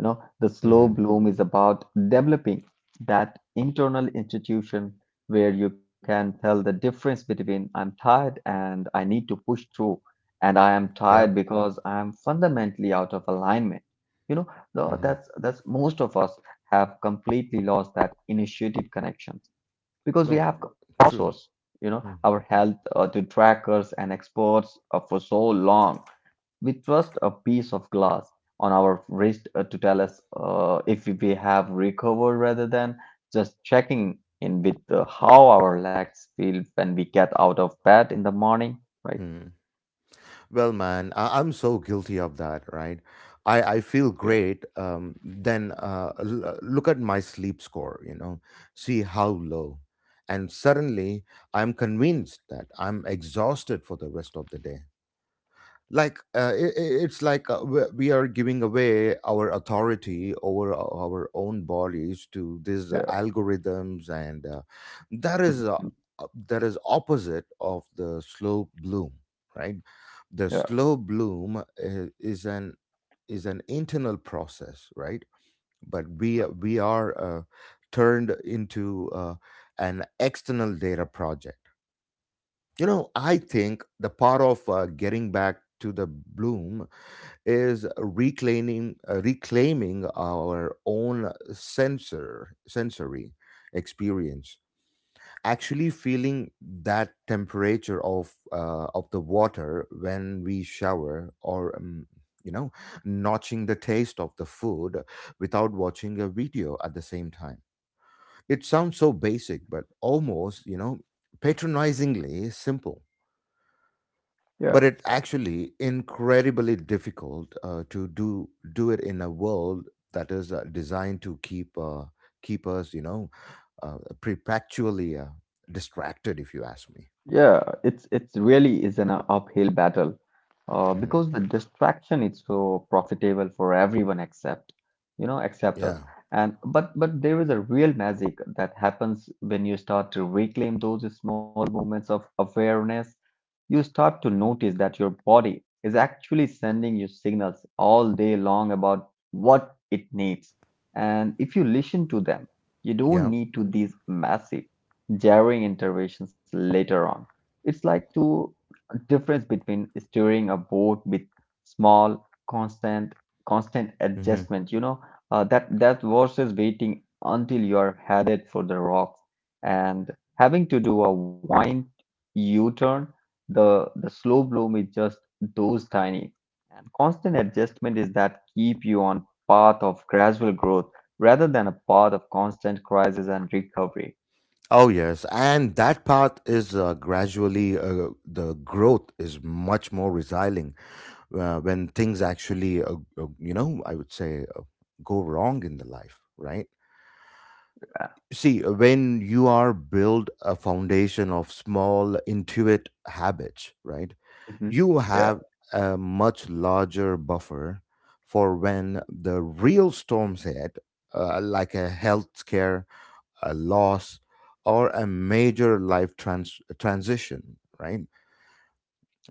Speaker 2: You know, the slow
Speaker 1: Mm-hmm.
Speaker 2: bloom is about developing that internal institution where you can tell the difference between I'm tired and I need to push through, and I am
Speaker 1: Yep.
Speaker 2: tired because I'm fundamentally out of alignment. You know,
Speaker 1: Mm-hmm.
Speaker 2: that's most of us have completely lost that initiative connections, because
Speaker 1: No,
Speaker 2: we have
Speaker 1: true.
Speaker 2: outsourced, you know, our health to trackers and experts for so long. We trust a piece of glass on our wrist to tell us if we have recovered, rather than just checking in with how our legs feel when we get out of bed in the morning, right?
Speaker 1: hmm Well, man, I'm so guilty of that, right? I feel
Speaker 2: Yeah,
Speaker 1: great. Then look at my sleep score, you know, see how low. And suddenly I'm convinced that I'm exhausted for the rest of the day. Like I it's like we are giving away our authority over our own bodies to these
Speaker 2: yeah,
Speaker 1: algorithms, and that is uh, that is opposite of the slow bloom, right? The
Speaker 2: mhm,
Speaker 1: slow bloom is an internal process, right? But we are turned into an external data project. You know, I think the part of getting back to the bloom is reclaiming our own sensory experience, actually feeling that temperature of the water when we shower, or you know notching the taste of the food without watching a video at the same time. It sounds so basic, but almost, you know, patronizingly simple,
Speaker 2: yeah.
Speaker 1: but it's actually incredibly difficult to do it in a world that is designed to keep us, you know, perpetually distracted, if you ask me.
Speaker 2: Yeah, it's really is an uphill battle
Speaker 1: Mhm.
Speaker 2: because the distraction is so profitable for everyone except except us.
Speaker 1: Yeah,
Speaker 2: And but there is a real magic that happens when you start to reclaim those small moments of awareness. You start to notice that your body is actually sending you signals all day long about what it needs. And if you listen to them, you don't
Speaker 1: yeah.
Speaker 2: need to these massive, jarring interventions later on. It's like to difference between steering a boat with small, constant, constant
Speaker 1: hmm
Speaker 2: adjustment. You know that that versus waiting until you are headed for the rocks and having to do a wind U-turn. The slow bloom is just those tiny and constant adjustment is that keep you on path of gradual growth rather than a path of constant crisis and recovery.
Speaker 1: Oh yes, and that path is, gradually the growth is much more resilient when things actually, I would say, go wrong in the life, right?
Speaker 2: Yeah.
Speaker 1: See, when you are build a foundation of small intuit habits, right?
Speaker 2: hmm
Speaker 1: You
Speaker 2: Yeah.
Speaker 1: have a much larger buffer for when the real storms hit, like a health scare, a loss, or a major transition, right?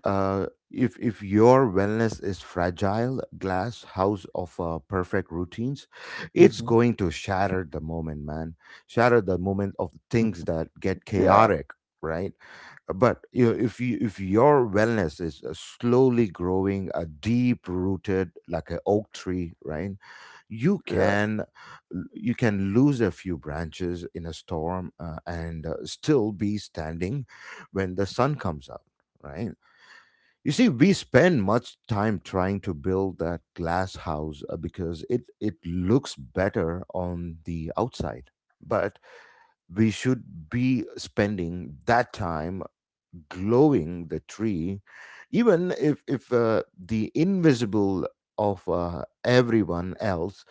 Speaker 1: If your wellness is fragile glass house of perfect routines, it's
Speaker 2: hmm
Speaker 1: going to shatter the moment, man, shatter the moment of things that get
Speaker 2: Yeah.
Speaker 1: chaotic, right? But you know, if you if your wellness is slowly growing a deep rooted like an oak tree, right? You
Speaker 2: Yeah.
Speaker 1: can you can lose a few branches in a storm, and still be standing when the sun comes out, right? You see, we spend much time trying to build that glass house, because it looks better on the outside. But we should be spending that time glowing the tree, even if, the invisible of everyone else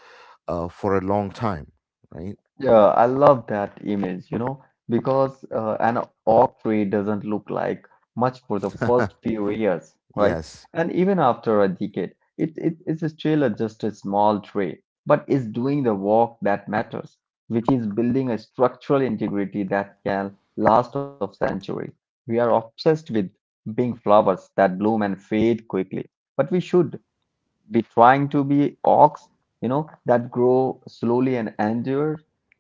Speaker 1: for a long time, right?
Speaker 2: Yeah, I love that image, you know, because an oak tree doesn't look like much for the first few years, right?
Speaker 1: Yes.
Speaker 2: And even after a decade, it's still a, just a small tree, but it's doing the work that matters, which is building a structural integrity that can last of centuries. We are obsessed with being flowers that bloom and fade quickly, but we should be trying to be oaks, you know, that grow slowly and endure.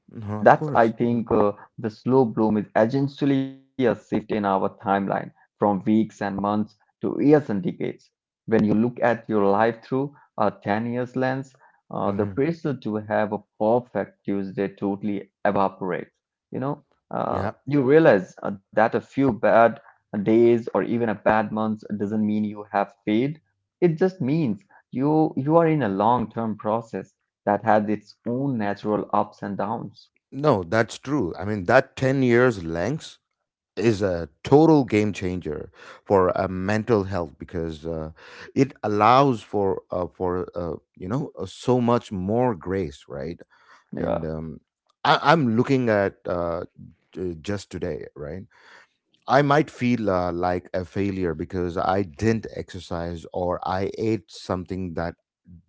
Speaker 1: Mhm, of
Speaker 2: That's, I
Speaker 1: course.
Speaker 2: think, the slow bloom is essentially a shift in our timeline from weeks and months to years and decades. When you look at your life through a 10 years lens, the
Speaker 1: hmm
Speaker 2: pressure to have a perfect Tuesday totally evaporates. You know,
Speaker 1: Yeah.
Speaker 2: you realize that a few bad days or even a bad month doesn't mean you have failed. It just means you are in a long-term process that has its own natural ups and downs.
Speaker 1: No, that's true. I mean, that 10 years length is a total game changer for mental health, because it allows for so much more grace, right?
Speaker 2: Yeah.
Speaker 1: And I'm looking at just today, right? I might feel like a failure because I didn't exercise or I ate something that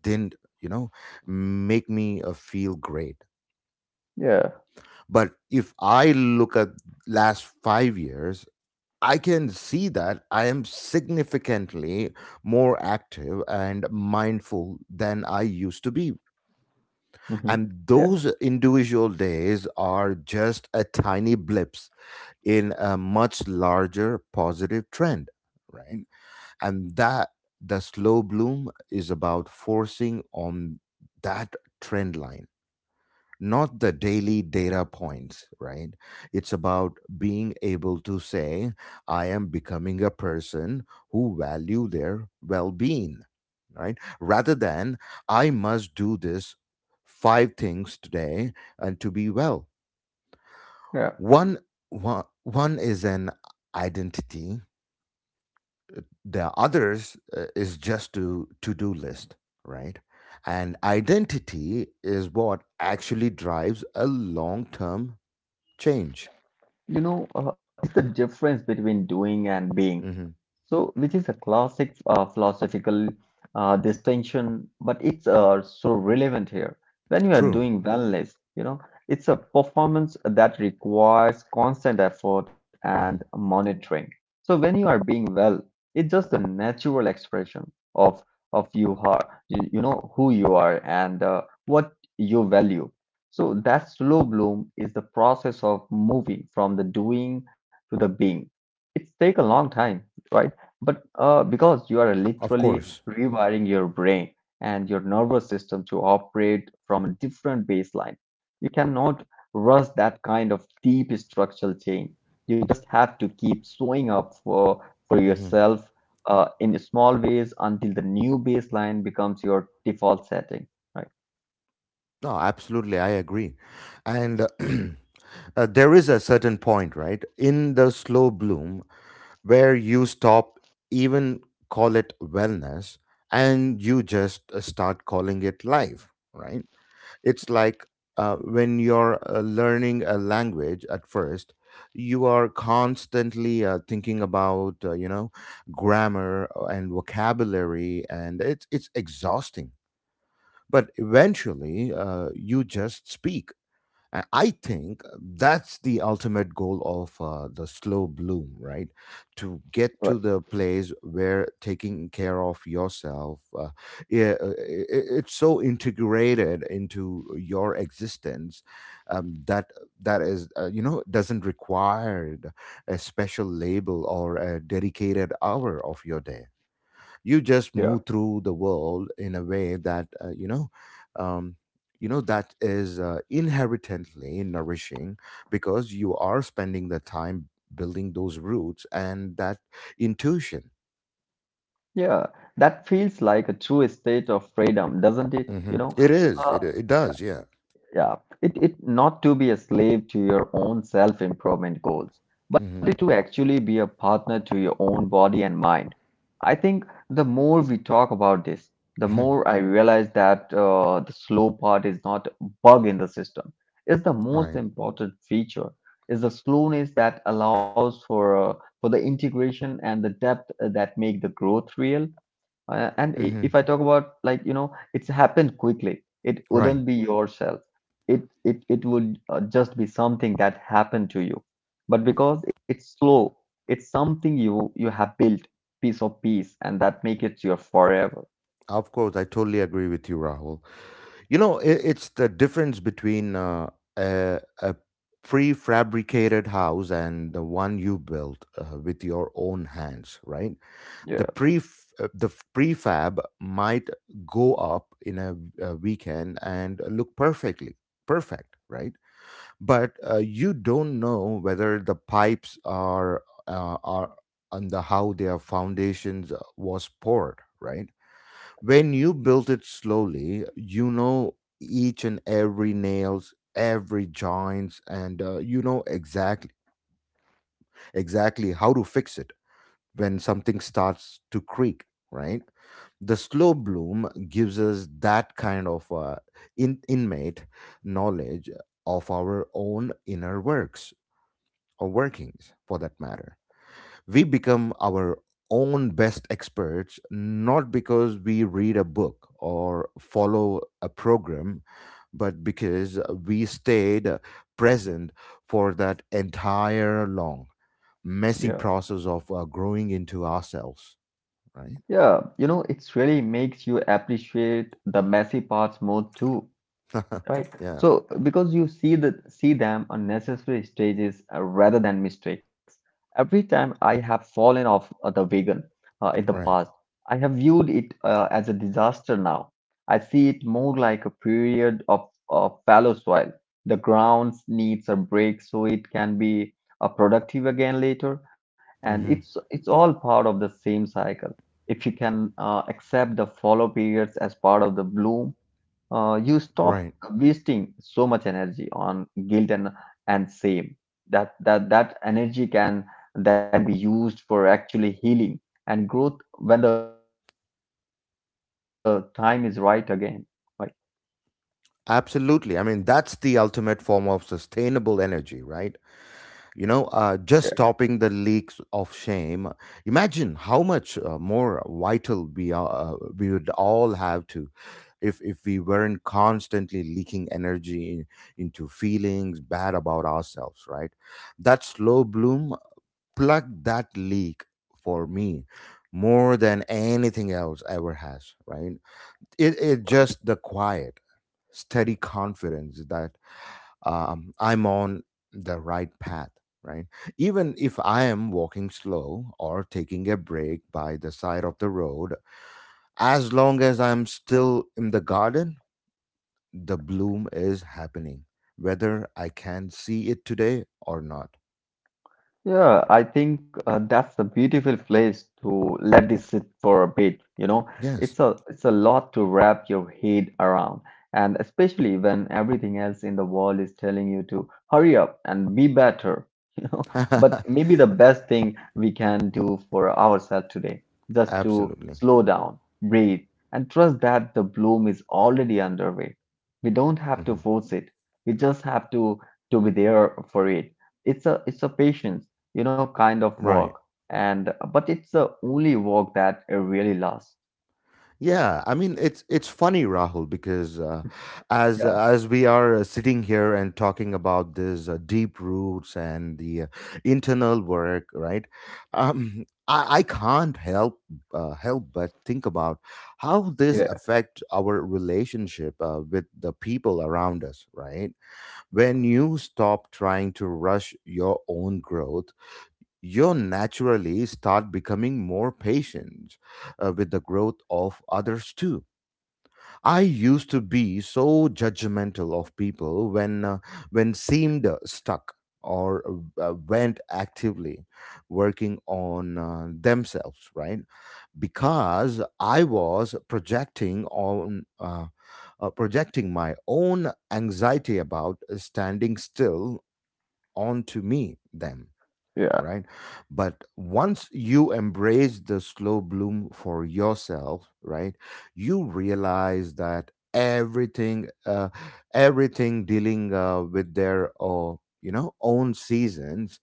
Speaker 1: didn't, you know, make me feel great.
Speaker 2: Yeah.
Speaker 1: But if I look at last 5 years, I can see that I am significantly more active and mindful than I used to be.
Speaker 2: hmm
Speaker 1: And
Speaker 2: Yeah.
Speaker 1: those individual days are just a tiny blips in a much larger positive trend, right? And that the slow bloom is about forcing on that trend line, not the daily data points, right? It's about being able to say, I am becoming a person who value their well-being, right? Rather than I must do this five things today and to be well.
Speaker 2: Yeah.
Speaker 1: One one is an identity, the others is just to to-do list, right? And identity is what actually drives a long term change.
Speaker 2: You know, it's the difference between doing and being.
Speaker 1: hmm
Speaker 2: So, which is a classic philosophical distinction, but it's so relevant here. When you are
Speaker 1: True.
Speaker 2: doing wellness, you know, it's a performance that requires constant effort and
Speaker 1: hmm
Speaker 2: monitoring. So, when you are being well, it's just a natural expression of you are, you know, who you are and what you value. So, that slow bloom is the process of moving from the doing to the being. It's take a long time, right? But because you are
Speaker 1: Of
Speaker 2: literally
Speaker 1: course.
Speaker 2: rewiring your brain and your nervous system to operate from a different baseline, you cannot rush that kind of deep structural change. You just have to keep showing up for yourself in small ways until the new baseline becomes your default setting. Right,
Speaker 1: No, absolutely. I agree. And there is a certain point, right, in the slow bloom where you stop, even call it wellness, and you just start calling it life, right? It's like when you're learning a language at first, you are constantly thinking about you know grammar and vocabulary, and it's exhausting. But eventually, you just speak. I think that's the ultimate goal of the slow bloom, right? To get
Speaker 2: right.
Speaker 1: to the place where taking care of yourself, it's so integrated into your existence, um, that that is, you know, doesn't require a special label or a dedicated hour of your day. You just
Speaker 2: Yeah,
Speaker 1: move through the world in a way that, um, you know, that is inherently nourishing because you are spending the time building those roots and that intuition.
Speaker 2: yeah. That feels like a true state of freedom, doesn't it? You
Speaker 1: It
Speaker 2: know,
Speaker 1: is,
Speaker 2: uh,
Speaker 1: it does, yeah.
Speaker 2: Yeah, it not to be a slave to your own self-improvement goals, but it
Speaker 1: hmm
Speaker 2: to actually be a partner to your own body and mind. I think the more we talk about this, the more I realize that the slow part is not a bug in the system. It's the most
Speaker 1: right.
Speaker 2: important feature. It's the slowness that allows for the integration and the depth that make the growth real. And
Speaker 1: hmm
Speaker 2: if I talk about like, you know, it's happened quickly. It
Speaker 1: right.
Speaker 2: wouldn't be yourself. It would just be something that happened to you. But because it's slow, it's something you have built piece of piece, and that make it your forever.
Speaker 1: Of course, I totally agree with you, Rahul. You know, I it's the difference between a prefabricated house and the one you built with your own hands, right?
Speaker 2: Yeah,
Speaker 1: The pre the prefab might go up in a weekend and look perfect, right? But you don't know whether the pipes are, and how their foundations was poured, right? When you build it slowly, you know each and every nails, every joints, and you know exactly how to fix it when something starts to creak. Right, the slow bloom gives us that kind of inmate knowledge of our own inner works or workings, for that matter. We become our own best experts, not because we read a book or follow a program, but because we stayed present for that entire long messy
Speaker 2: yeah,
Speaker 1: process of growing into ourselves, right?
Speaker 2: yeah. You know, it's really makes you appreciate the messy parts more too. Right.
Speaker 1: Yeah.
Speaker 2: So because you see the see them on necessary stages rather than mistakes. Every time I have fallen off the wagon in the
Speaker 1: Right.
Speaker 2: past, I have viewed it as a disaster now. I see it more like a period of fallow soil. The ground needs a break so it can be productive again later. And it's
Speaker 1: hmm
Speaker 2: it's all part of the same cycle. If you can accept the fallow periods as part of the bloom, you stop
Speaker 1: right.
Speaker 2: wasting so much energy on guilt and shame that that energy can then be used for actually healing and growth when the time is right again, right.
Speaker 1: Absolutely. I mean, that's the ultimate form of sustainable energy, right? You know, just stopping the leaks of shame. Imagine how much more vital we would all have to, if we weren't constantly leaking energy into feelings bad about ourselves, right? That slow bloom plugged that leak for me more than anything else ever has, right? It just the quiet steady confidence that, I'm on the right path, right? Even if I am walking slow or taking a break by the side of the road, as long as I'm still in the garden, the bloom is happening, whether I can see it today or not.
Speaker 2: Yeah, I think that's a beautiful place to let this sit for a bit. You know,
Speaker 1: Yes,
Speaker 2: it's a lot to wrap your head around, and especially when everything else in the world is telling you to hurry up and be better. You know, but maybe the best thing we can do for ourselves today, just to
Speaker 1: absolutely.
Speaker 2: slow down, breathe, and trust that the bloom is already underway. We don't have to
Speaker 1: hmm
Speaker 2: force it. We just have to be there for it. It's a patience, you know, kind of
Speaker 1: Right.
Speaker 2: work, and but it's the only work that really lasts.
Speaker 1: Yeah, I mean it's funny, Rahul, because,
Speaker 2: Yeah,
Speaker 1: as we are sitting here and talking about this deep roots and the internal work, right? I can't help but think about how this
Speaker 2: yeah,
Speaker 1: affect our relationship with the people around us, right? When you stop trying to rush your own growth, you naturally start becoming more patient with the growth of others too. I used to be so judgmental of people when seemed stuck, or went actively working on themselves, right? Because I was projecting my own anxiety about standing still onto me them,
Speaker 2: yeah,
Speaker 1: right? But once you embrace the slow bloom for yourself, right, you realize that everything dealing with their, own seasons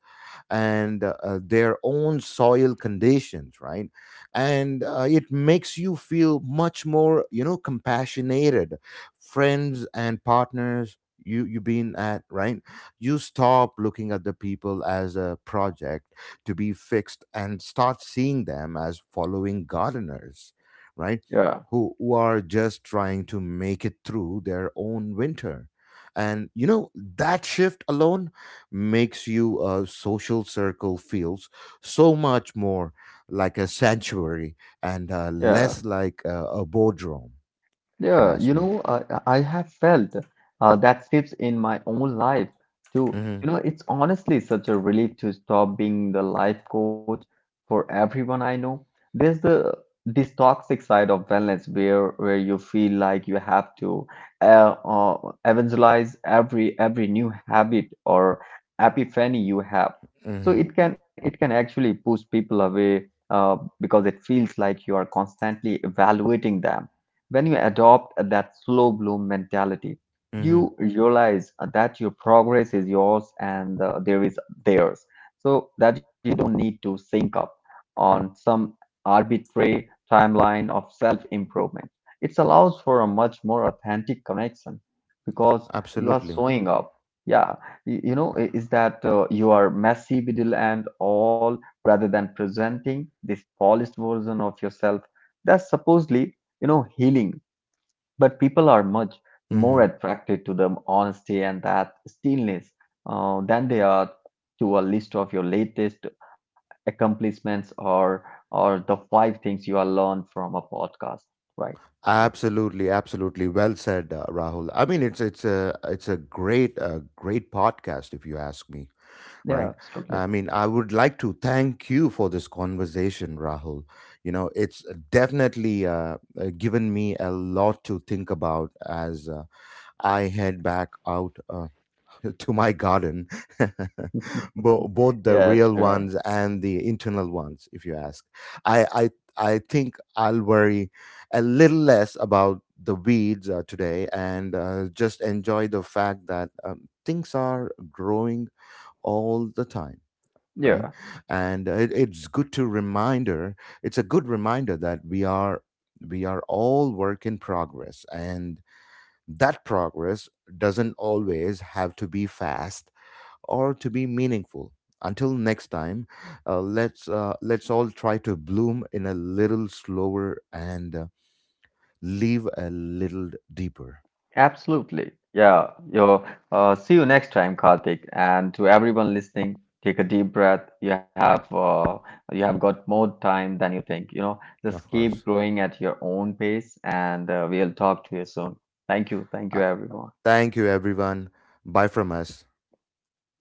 Speaker 1: and their own soil conditions, right? And it makes you feel much more, you know, compassionated friends and partners you you've been at, right? You stop looking at the people as a project to be fixed and start seeing them as following gardeners, right?
Speaker 2: yeah,
Speaker 1: Who are just trying to make it through their own winter. And you know that shift alone makes you a social circle feels so much more like a sanctuary, and
Speaker 2: yeah.
Speaker 1: less like a boardroom, if you
Speaker 2: Yeah,
Speaker 1: ask
Speaker 2: you
Speaker 1: me.
Speaker 2: know, I have felt that shifts in my own life too.
Speaker 1: hmm
Speaker 2: You know, it's honestly such a relief to stop being the life coach for everyone I know. There's the this toxic side of wellness where you feel like you have to evangelize every new habit or epiphany you have. So
Speaker 1: hmm
Speaker 2: it can actually push people away uh, because it feels like you are constantly evaluating them. When you adopt that slow bloom mentality,
Speaker 1: hmm
Speaker 2: you realize that your progress is yours and there is theirs, so that you don't need to sync up on some arbitrary timeline of self improvement. It allows for a much more authentic connection because you are
Speaker 1: Absolutely.
Speaker 2: showing up. Yeah, you know, is that you are messy, middle, and all rather than presenting this polished version of yourself that's supposedly, you know, healing, but people are much more
Speaker 1: hmm
Speaker 2: attracted to the honesty and that stillness than they are to a list of your latest accomplishments or the five things you have learned from a podcast, right? Yeah,
Speaker 1: Absolutely, absolutely. Well said, Rahul. I mean, it's a great great podcast, if you ask me. Right?
Speaker 2: yeah,
Speaker 1: I
Speaker 2: absolutely.
Speaker 1: mean, I would like to thank you for this conversation, Rahul. You know, it's definitely given me a lot to think about as I head back out to my garden, both the
Speaker 2: Yeah,
Speaker 1: real
Speaker 2: sure.
Speaker 1: ones and the internal ones, if you ask. I, I, I think I'll worry a little less about the weeds today, and just enjoy the fact that, things are growing all the time, right?
Speaker 2: Yeah.
Speaker 1: And it's good to reminder, it's a good reminder that we are all work in progress, and that progress doesn't always have to be fast or to be meaningful. Until next time, let's all try to bloom in a little slower, and live a little deeper.
Speaker 2: Absolutely. Yeah. Yo, see you next time, Karthik. And to everyone listening, take a deep breath. You have got more time than you think. You know, just
Speaker 1: Of
Speaker 2: keep
Speaker 1: course.
Speaker 2: growing at your own pace, and we'll talk to you soon. Thank you. Thank you,
Speaker 1: uh,
Speaker 2: everyone.
Speaker 1: Thank you, everyone. Bye from us.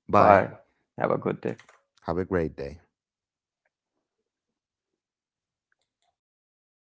Speaker 1: Bye.
Speaker 2: Bye. Have a good day.
Speaker 1: Have a great day.